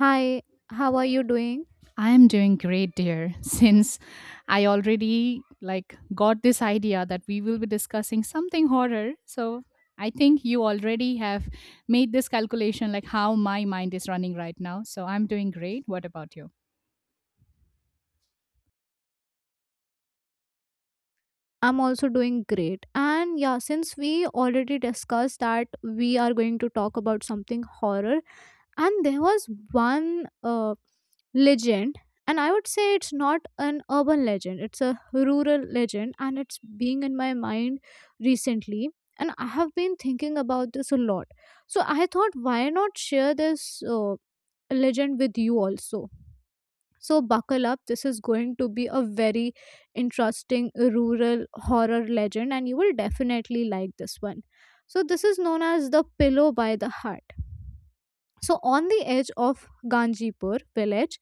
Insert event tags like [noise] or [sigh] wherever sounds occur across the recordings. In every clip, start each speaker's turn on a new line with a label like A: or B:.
A: Hi, how are you doing?
B: I am doing great, dear, [laughs] since I already like got this idea that we will be discussing something horror. So I think you already have made this calculation like how my mind is running right now. So I'm doing great. What about you?
A: I'm also doing great. And yeah, since we already discussed that we are going to talk about something horror, and there was one legend, and I would say it's not an urban legend, it's a rural legend, and it's being in my mind recently. And I have been thinking about this a lot. So I thought, why not share this legend with you also? So buckle up. This is going to be a very interesting rural horror legend, and you will definitely like this one. So this is known as the Pillow by the Heart. So on the edge of Ganjipur village,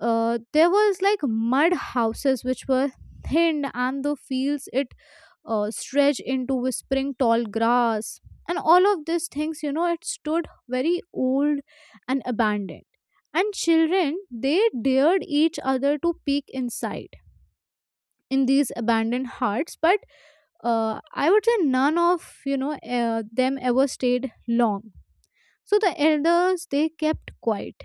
A: there was like mud houses which were thinned, and the fields it stretch into whispering tall grass and all of these things, you know, it stood very old and abandoned, and children they dared each other to peek inside in these abandoned huts, but I would say none of them ever stayed long. So the elders, they kept quiet,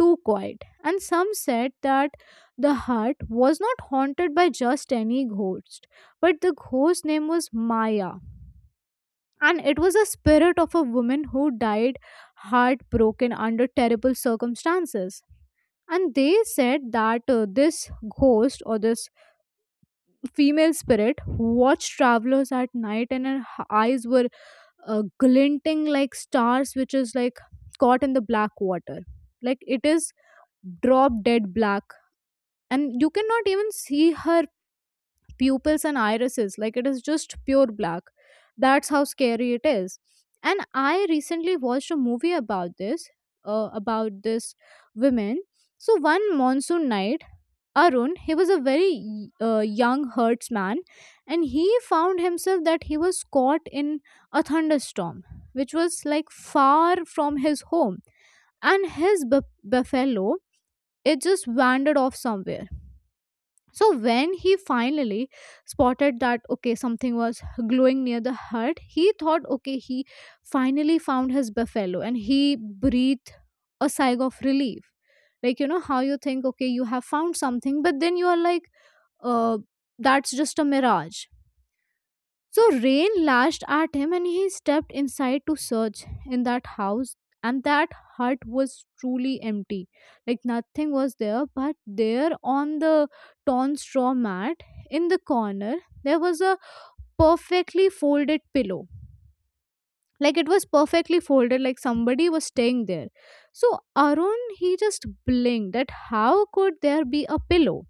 A: too quiet, and some said that the hut was not haunted by just any ghost, but the ghost's name was Maya. And it was the spirit of a woman who died heartbroken under terrible circumstances. And they said that this ghost or this female spirit watched travelers at night, and her eyes were glinting like stars, which is like caught in the black water. Like it is drop dead black. And you cannot even see her pupils and irises, like it is just pure black. That's how scary it is. And I recently watched a movie about this, about this women. So one monsoon night, Arun, he was a very young herdsman, and he found himself that he was caught in a thunderstorm which was like far from his home. And his buffalo, it just wandered off somewhere. So when he finally spotted that okay, something was glowing near the hut, he thought okay, he finally found his buffalo, and he breathed a sigh of relief. Like, you know how you think okay, you have found something, but then you are like uh that's just a mirage. So rain lashed at him and he stepped inside to search in that house. And that hut was truly empty. Like nothing was there, but there on the torn straw mat in the corner, there was a perfectly folded pillow. Like it was perfectly folded, like somebody was staying there. So Arun, he just blinked at how could there be a pillow?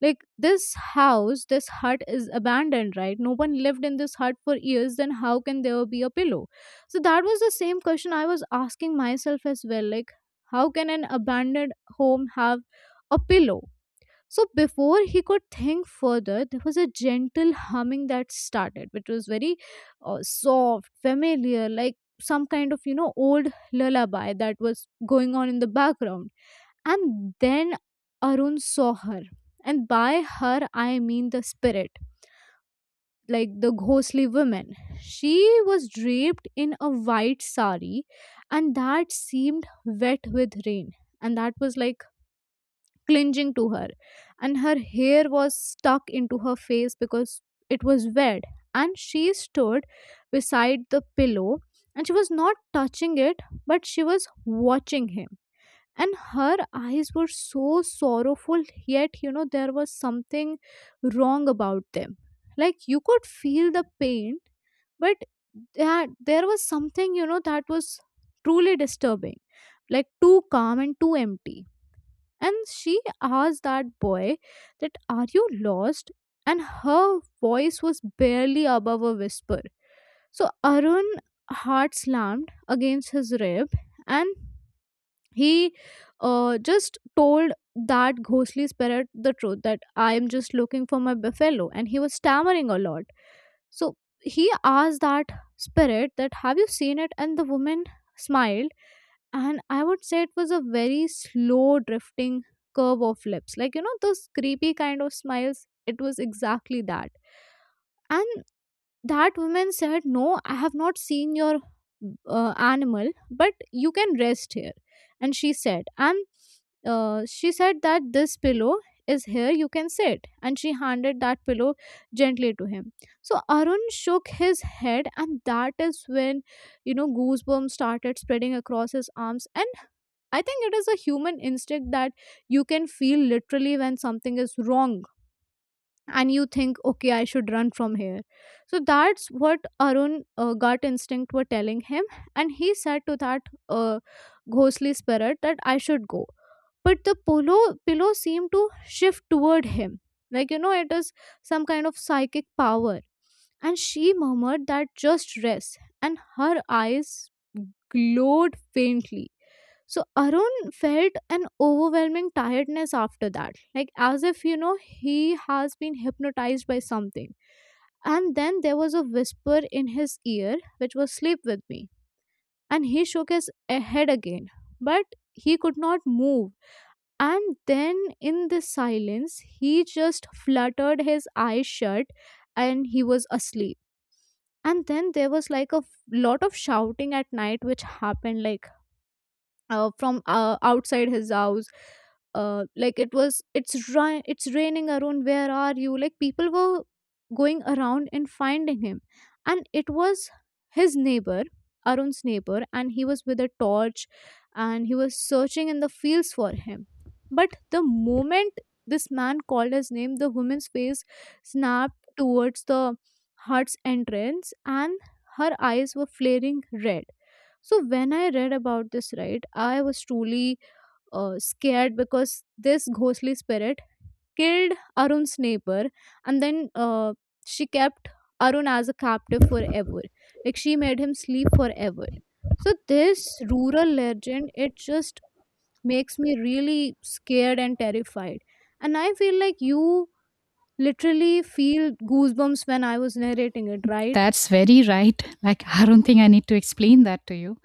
A: Like this house, this hut is abandoned, right? No one lived in this hut for years, then how can there be a pillow? So that was the same question I was asking myself as well, like how can an abandoned home have a pillow? So before he could think further, there was a gentle humming that started, which was very soft, familiar, like some kind of, you know, old lullaby that was going on in the background. And then Arun saw her. And by her, I mean the spirit, like the ghostly woman. She was draped in a white sari, and that seemed wet with rain. And that was like clinging to her, and her hair was stuck into her face because it was wet. And she stood beside the pillow, and she was not touching it, but she was watching him. And her eyes were so sorrowful, yet, you know, there was something wrong about them. Like you could feel the pain, but that there was something, you know, that was truly disturbing, like too calm and too empty. And she asked that boy that are you lost, and her voice was barely above a whisper. So Arun heart slammed against his rib, and he just told that ghostly spirit the truth, that I am just looking for my buffalo, and he was stammering a lot. So he asked that spirit that have you seen it, and the woman smiled. And I would say it was a very slow drifting curve of lips, like you know those creepy kind of smiles, it was exactly that. And that woman said, no, I have not seen your animal, but you can rest here. And she said, and she said that this pillow is here, you can sit, and she handed that pillow gently to him. So Arun shook his head, and that is when, you know, goosebumps started spreading across his arms. And I think it is a human instinct that you can feel literally when something is wrong, and you think, okay, I should run from here. So that's what Arun gut instinct were telling him. And he said to that uh, ghostly spirit that I should go. But the pillow seemed to shift toward him. Like, you know, it is some kind of psychic power. And she murmured that just rest. And her eyes glowed faintly. So Arun felt an overwhelming tiredness after that, like as if, you know, he has been hypnotized by something. And then there was a whisper in his ear, which was sleep with me. And he shook his head again, but he could not move. And then in the silence, he just fluttered his eyes shut, and he was asleep. And then there was like a lot of shouting at night, which happened like from outside his house, like it was, it's it's raining Arun, where are you, like people were going around and finding him. And it was his neighbor, Arun's neighbor, and he was with a torch, and he was searching in the fields for him. But the moment this man called his name, the woman's face snapped towards the hut's entrance, and her eyes were flaring red. So when I read about this, right, I was truly scared because this ghostly spirit killed Arun's neighbor, and then she kept Arun as a captive forever. Like she made him sleep forever. So this rural legend, it just makes me really scared and terrified. And I feel like you literally feel goosebumps when I was narrating it, right?
B: That's very right. Like, I don't think I need to explain that to you.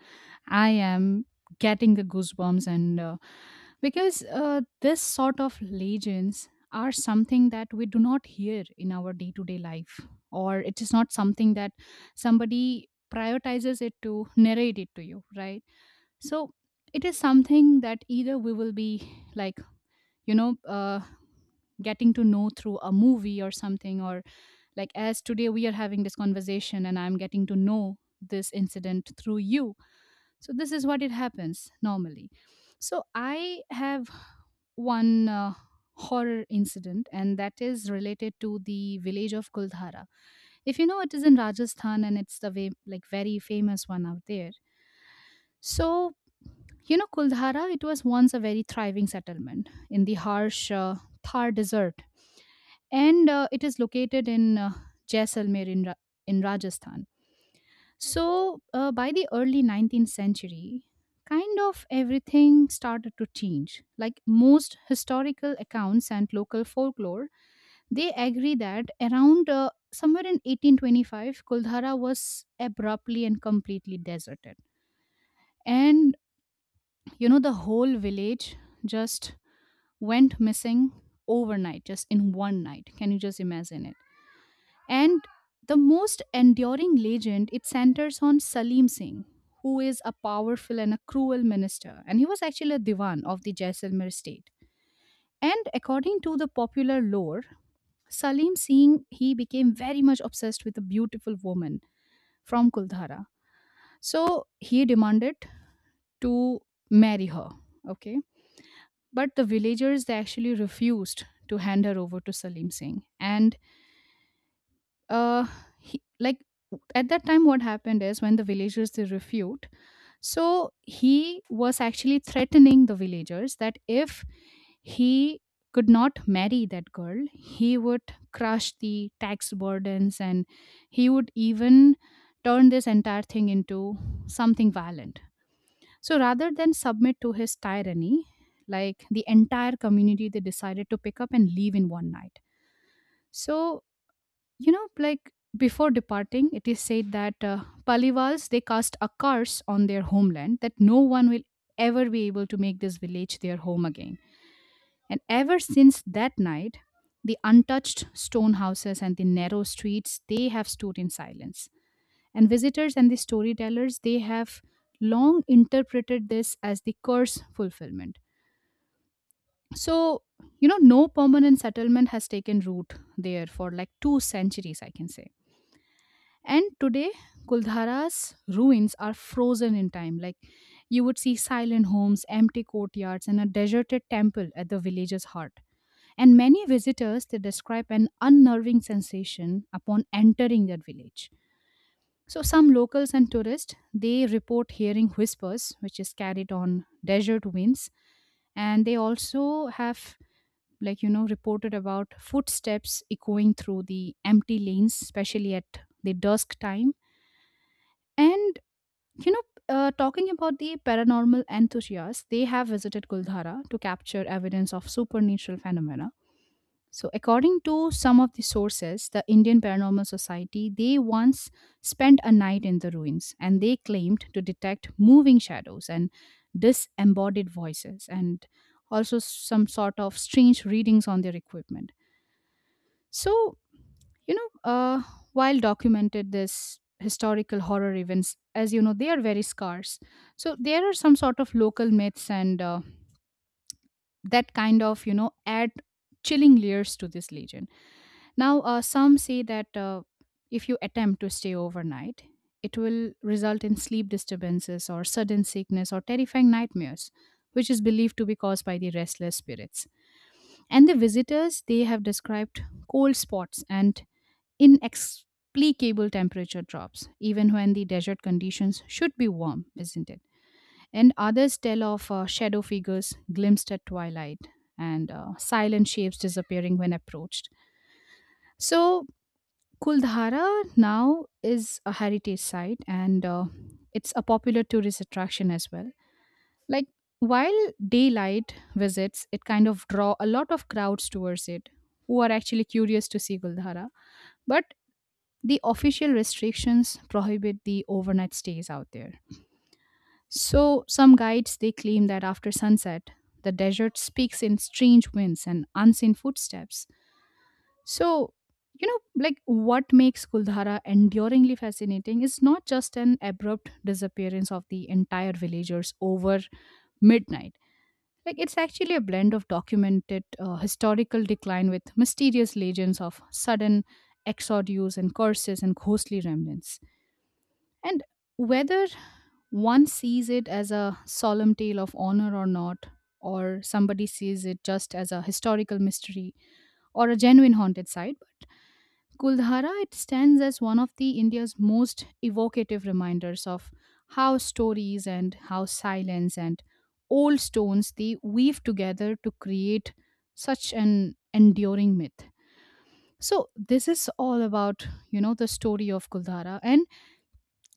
B: I am getting the goosebumps, and because this sort of legends are something that we do not hear in our day to day life, or it is not something that somebody prioritizes it to narrate it to you, right? So it is something that either we will be like, you know, uh, getting to know through a movie or something, or like, as today we are having this conversation and I'm getting to know this incident through you. So this is what it happens normally. So I have one horror incident, and that is related to the village of Kuldhara. If you know, it is in Rajasthan and it's the way, like very famous one out there. So, Kuldhara, it was once a very thriving settlement in the harsh Thar desert and it is located in Jaisalmer in Rajasthan. So, by the early 19th century, kind of everything started to change. Like most historical accounts and local folklore, they agree that around somewhere in 1825, Kuldhara was abruptly and completely deserted. And the whole village just went missing overnight, just in one night. Can you just imagine it? And the most enduring legend, it centers on Salim Singh, who is a powerful and a cruel minister, and he was actually a diwan of the Jaisalmer state. And according to the popular lore, Salim Singh he became very much obsessed with a beautiful woman from Kuldhara. So he demanded to marry her. Okay. But the villagers they actually refused to hand her over to Salim Singh. And uh he, like at that time what happened is when the villagers they refute, so he was actually threatening the villagers that if he could not marry that girl he would crush the tax burdens and he would even turn this entire thing into something violent. So rather than submit to his tyranny, like the entire community they decided to pick up and leave in one night. So like before departing it is said that palivals they cast a curse on their homeland that no one will ever be able to make this village their home again. And ever since that night the untouched stone houses and the narrow streets they have stood in silence, and visitors and the storytellers they have long interpreted this as the curse fulfillment. So no permanent settlement has taken root there for like 2 centuries I can say. And today, Kuldhara's ruins are frozen in time. Like you would see silent homes, empty courtyards, and a deserted temple at the village's heart. And many visitors they describe an unnerving sensation upon entering that village. So some locals and tourists they report hearing whispers, which is carried on desert winds, and they also have like reported about footsteps echoing through the empty lanes, especially at the dusk time. And You know, talking about the paranormal enthusiasts, they have visited Guldhara to capture evidence of supernatural phenomena. So, according to some of the sources, the Indian Paranormal Society, they once spent a night in the ruins and they claimed to detect moving shadows and disembodied voices and also some sort of strange readings on their equipment. So, you know uh, while documented this historical horror events as they are very scarce, so there are some sort of local myths and that kind of add chilling layers to this legend. Now some say that if you attempt to stay overnight it will result in sleep disturbances or sudden sickness or terrifying nightmares, which is believed to be caused by the restless spirits. And the visitors they have described cold spots and inexplicable temperature drops, even when the desert conditions should be warm, isn't it? And others tell of shadow figures glimpsed at twilight and silent shapes disappearing when approached. So Kuldhara now is a heritage site and it's a popular tourist attraction as well. Like, while daylight visits, it kind of draw a lot of crowds towards it who are actually curious to see Kuldhara. But the official restrictions prohibit the overnight stays out there. So some guides they claim that after sunset, the desert speaks in strange winds and unseen footsteps. So, you know, like what makes Kuldhara enduringly fascinating is not just an abrupt disappearance of the entire villagers over midnight. Like, it's actually a blend of documented historical decline with mysterious legends of sudden exodus and curses and ghostly remnants. And whether one sees it as a solemn tale of honor or not, or somebody sees it just as a historical mystery or a genuine haunted site, but Kuldhara it stands as one of the India's most evocative reminders of how stories and how silence and old stones they weave together to create such an enduring myth. So this is all about the story of Kuldhara. And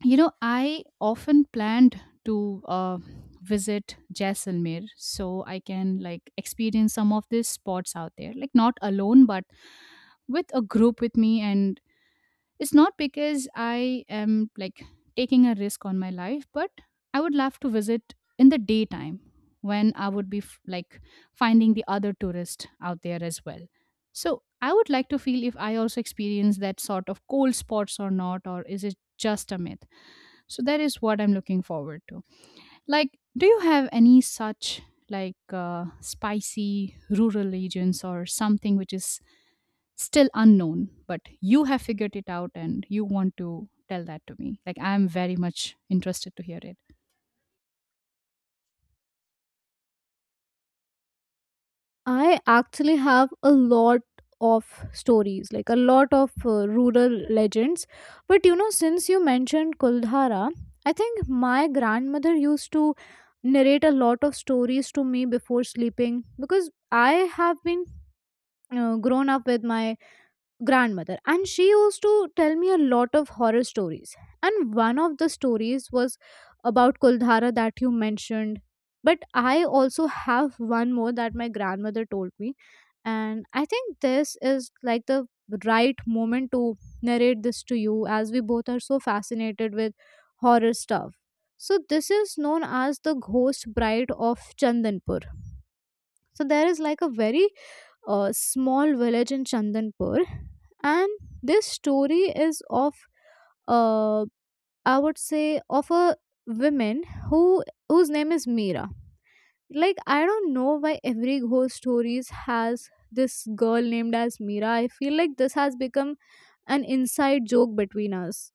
B: I often planned to visit Jaisalmer so I can like experience some of these spots out there, like not alone, but with a group with me. And it's not because I am like taking a risk on my life, but I would love to visit in the daytime when I would be like finding the other tourists out there as well. So I would like to feel if I also experience that sort of cold spots or not, or is it just a myth? So that is what I'm looking forward to. Like do you have any such like spicy rural regions or something which is still unknown but you have figured it out and you want to tell that to me, like I'm very much interested to hear it.
A: I actually have a lot of stories, like a lot of rural legends. But you know, since you mentioned Kuldhara, I think my grandmother used to narrate a lot of stories to me before sleeping, because I have been grown up with my grandmother, and she used to tell me a lot of horror stories. And one of the stories was about Kuldhara that you mentioned. But I also have one more that my grandmother told me, and I think this is like the right moment to narrate this to you, as we both are so fascinated with horror stuff. So this is known as the Ghost Bride of Chandanpur. So there is like a very a small village in Chandanpur. And this story is of, uh, I would say, of a woman who whose name is Meera. Like I don't know why every ghost stories has this girl named as Meera. I feel like this has become an inside joke between us.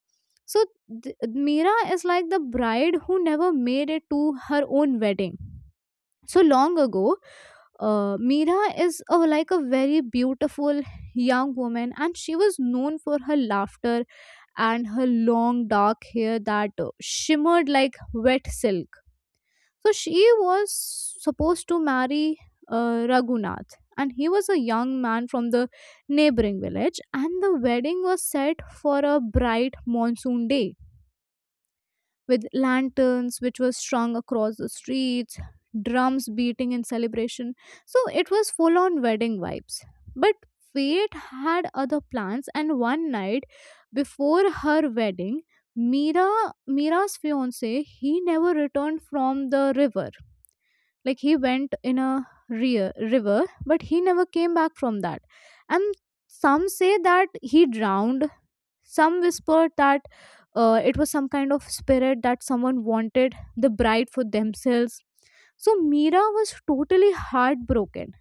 A: So Meera is like the bride who never made it to her own wedding. So long ago, Meera is a, like a very beautiful young woman, and she was known for her laughter and her long dark hair that shimmered like wet silk. So she was supposed to marry Raghunath, and he was a young man from the neighboring village, and the wedding was set for a bright monsoon day with lanterns which were strung across the streets, drums beating in celebration. So it was full on wedding vibes. But fate had other plans, and one night before her wedding, Mira Mira's fiance, he never returned from the river. Like he went in a river, but he never came back from that. And some say that he drowned. Some whispered that it was some kind of spirit, that someone wanted the bride for themselves. So Mira was totally heartbroken,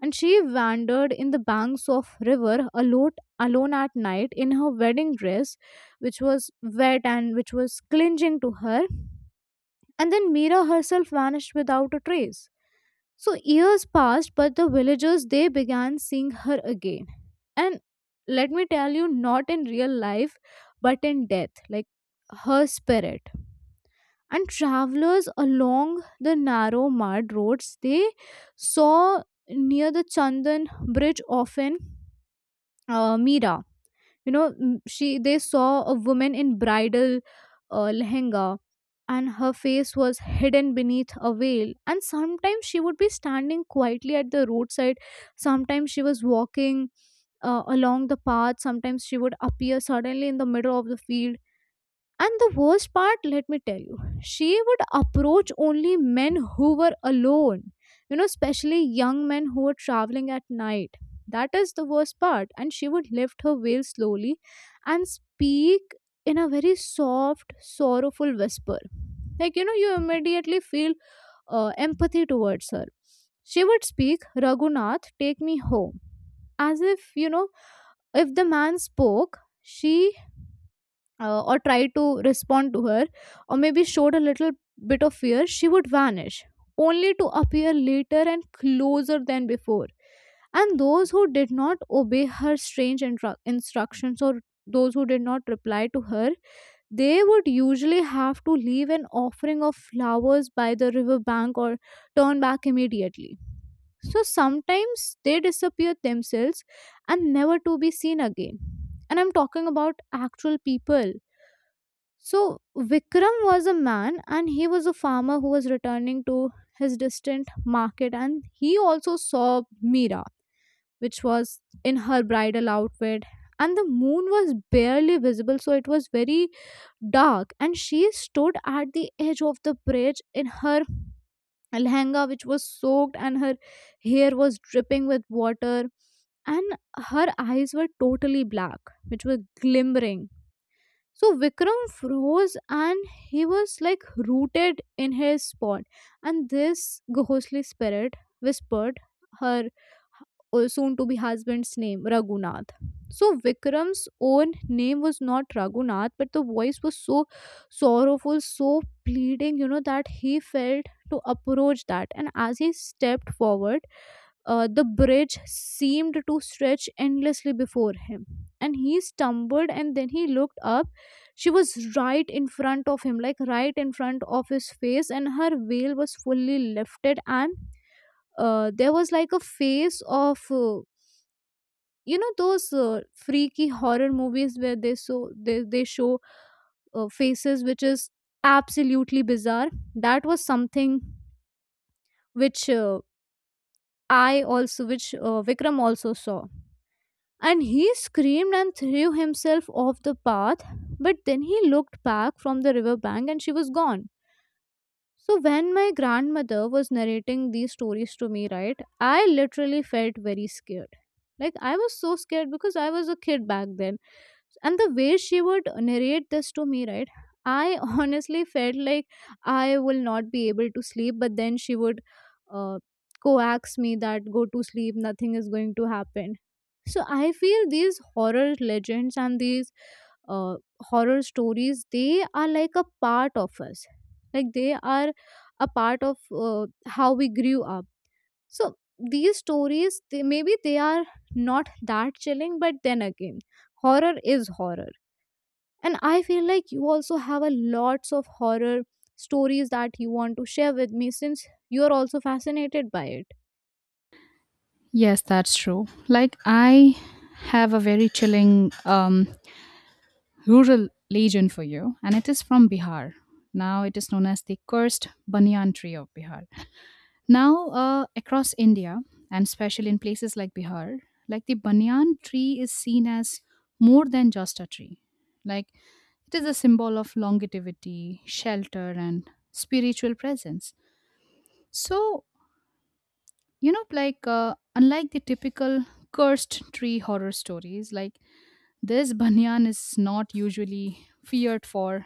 A: and she wandered in the banks of river alone at night in her wedding dress, which was wet and which was clinging to her. And then Mira herself vanished without a trace. So years passed, but the villagers they began seeing her again. And let me tell you, not in real life but in death, like her spirit. And travelers along the narrow mud roads, they saw near the Chandan bridge often, Meera, you know, she, they saw a woman in bridal lehenga, and her face was hidden beneath a veil. And sometimes she would be standing quietly at the roadside, sometimes she was walking along the path, sometimes she would appear suddenly in the middle of the field. And the worst part, let me tell you, she would approach only men who were alone, you know, especially young men who were traveling at night. That is the worst part. And she would lift her veil slowly and speak in a very soft, sorrowful whisper. Like, you know, you immediately feel empathy towards her. She would speak, Raghunath, take me home. As if, you know, if the man spoke, she or tried to respond to her, or maybe showed a little bit of fear, she would vanish, only to appear later and closer than before. And those who did not obey her strange instructions or those who did not reply to her, they would usually have to leave an offering of flowers by the river bank or turn back immediately. So sometimes they disappeared themselves and never to be seen again. And I'm talking about actual people. So Vikram was a man, and he was a farmer who was returning to his distant market, and he also saw Meera, which was in her bridal outfit. And the moon was barely visible, so it was very dark, and she stood at the edge of the bridge in her lehenga, which was soaked, and her hair was dripping with water. And her eyes were totally black, which were glimmering. So Vikram froze, and he was like rooted in his spot. And this ghostly spirit whispered her soon to be husband's name, Raghunath. So Vikram's own name was not Raghunath, but the voice was so sorrowful, so pleading, you know, that he felt to approach that. And as he stepped forward, the bridge seemed to stretch endlessly before him, and he stumbled, and then he looked up. She was right in front of him, like right in front of his face, and her veil was fully lifted, and there was like a face of. You know those freaky horror movies where they, they show faces which is absolutely bizarre. That was something which I also which Vikram also saw. And he screamed and threw himself off the path. But then he looked back from the river bank and she was gone. So when my grandmother was narrating these stories to me, right, I literally felt very scared. Like, I was so scared because I was a kid back then, and the way she would narrate this to me, right, I [laughs] honestly felt like I will not be able to sleep. But then she would uh, coax me that go to sleep, nothing is going to happen. So I feel these horror legends and these uh, horror stories, they are like a part of us, like they are a part of uh, how we grew up. So these stories, they, maybe they are not that chilling, but then again, horror is horror. And I feel like you also have a lots of horror stories that you want to share with me, since you are also fascinated by it.
B: Yes, that's true. Like I have a very chilling rural legend for you, and it is from Bihar. Now it is known as the cursed banyan tree of Bihar. Now across India, and especially in places like Bihar, like the banyan tree is seen as more than just a tree. Like it is a symbol of longevity, shelter, and spiritual presence. So you know like uh, unlike the typical cursed tree horror stories, like this banyan is not usually feared for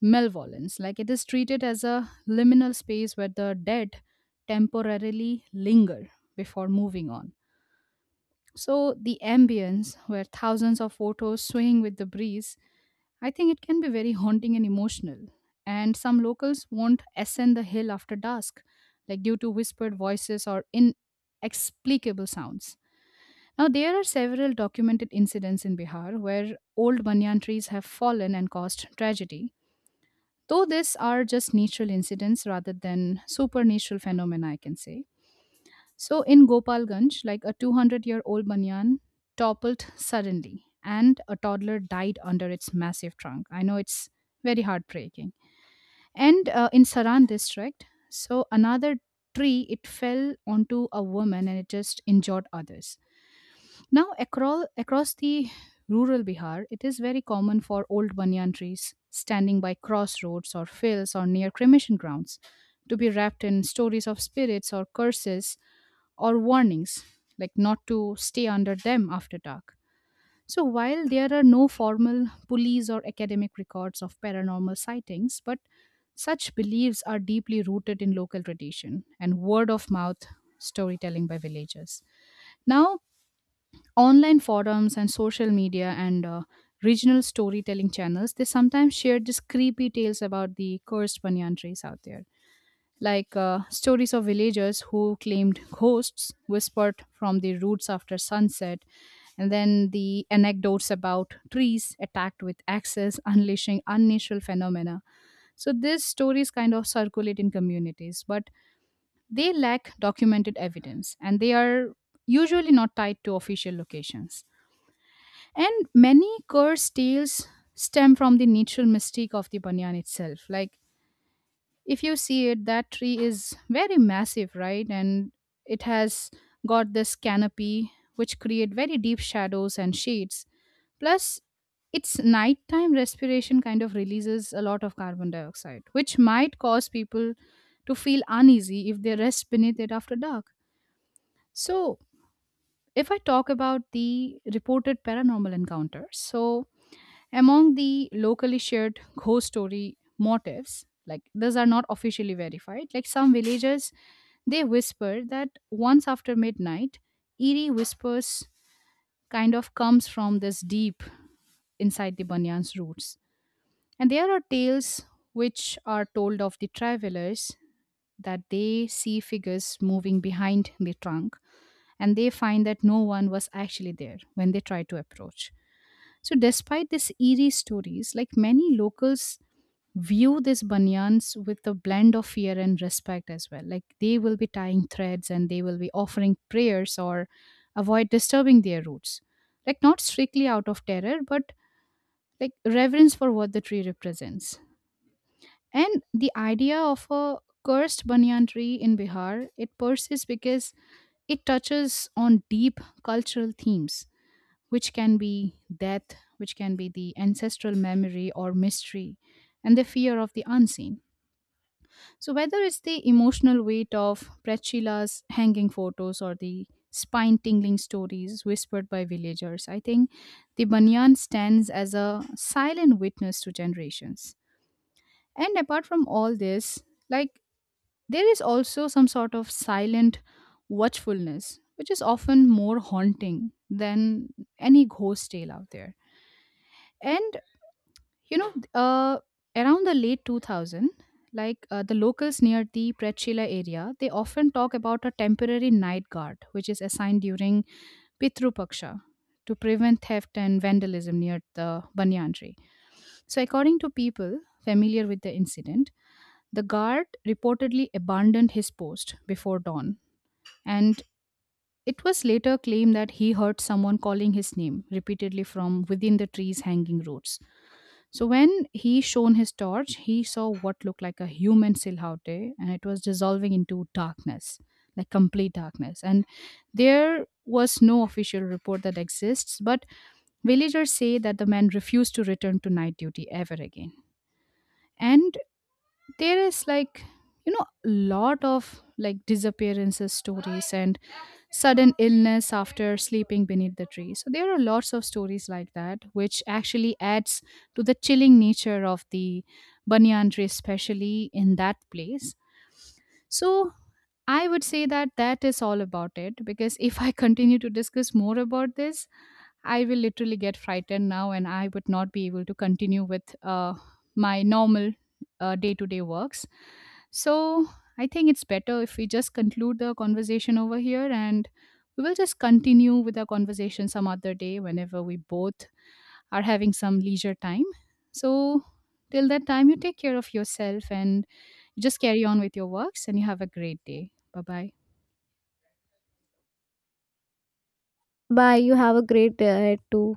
B: malevolence, like it is treated as a liminal space where the dead temporarily linger before moving on. So the ambience where thousands of photos swaying with the breeze, I think it can be very haunting and emotional. And some locals won't ascend the hill after dusk, like due to whispered voices or inexplicable sounds. Now, there are several documented incidents in Bihar where old banyan trees have fallen and caused tragedy, though these are just natural incidents rather than supernatural phenomena, I can say. So, in Gopalganj, like a 200-year-old banyan toppled suddenly and a toddler died under its massive trunk. I know it's very heartbreaking. And in Saran district, so another tree, it fell onto a woman and it just injured others. Now, across the rural Bihar, it is very common for old banyan trees standing by crossroads or fields or near cremation grounds to be wrapped in stories of spirits or curses or warnings, like not to stay under them after dark. So while there are no formal police or academic records of paranormal sightings, but such beliefs are deeply rooted in local tradition and word of mouth storytelling by villagers. Now, online forums and social media and regional storytelling channels they sometimes share these creepy tales about the cursed banyan trees out there, like stories of villagers who claimed ghosts whispered from the roots after sunset. And then the anecdotes about trees attacked with axes [laughs] unleashing unnatural phenomena. So these stories kind of circulate in communities, but they lack documented evidence and they are usually not tied to official locations. And many curse tales stem from the natural mystique of the banyan itself. Like, if you see it, that tree is very massive, right? And it has got this canopy which create very deep shadows and shades. Plus, its nighttime respiration kind of releases a lot of carbon dioxide, which might cause people to feel uneasy if they rest beneath it after dark. So if I talk about the reported paranormal encounters, so among the locally shared ghost story motifs, like these are not officially verified, like some villagers they whisper that once after midnight, eerie whispers kind of comes from this deep inside the banyan's roots. And there are tales which are told of the travelers that they see figures moving behind the trunk, and they find that no one was actually there when they try to approach. So despite these eerie stories, like many locals view these banyans with a blend of fear and respect as well. Like they will be tying threads and they will be offering prayers or avoid disturbing their roots. Like not strictly out of terror, but like reverence for what the tree represents. And the idea of a cursed banyan tree in Bihar, it persists because it touches on deep cultural themes, which can be death, which can be the ancestral memory or mystery, and the fear of the unseen. So whether it's the emotional weight of Prachila's hanging photos or the spine tingling stories whispered by villagers, I think the banyan stands as a silent witness to generations. And apart from all this, like there is also some sort of silent watchfulness, which is often more haunting than any ghost tale out there. And you know, uh, around the late 2000, like the locals near the Prechila area, they often talk about a temporary night guard, which is assigned during Pitru Paksha to prevent theft and vandalism near the banyan tree. So, according to people familiar with the incident, the guard reportedly abandoned his post before dawn and it was later claimed that he heard someone calling his name repeatedly from within the tree's hanging roots. So when he shone his torch, he saw what looked like a human silhouette and it was dissolving into darkness, like complete darkness. And there was no official report that exists, but villagers say that the man refused to return to night duty ever again. And there is like a lot of like disappearances stories and sudden illness after sleeping beneath the tree. So there are lots of stories like that, which actually adds to the chilling nature of the banyan tree, especially in that place. So I would say that that is all about it because if I continue to discuss more about this, I will literally get frightened now and I would not be able to continue with my normal day to day works. So I think it's better if we just conclude the conversation over here and we will just continue with our conversation some other day whenever we both are having some leisure time. So till that time, you take care of yourself and just carry on with your works and you have a great day. Bye bye.
A: Bye. You have a great day ahead too.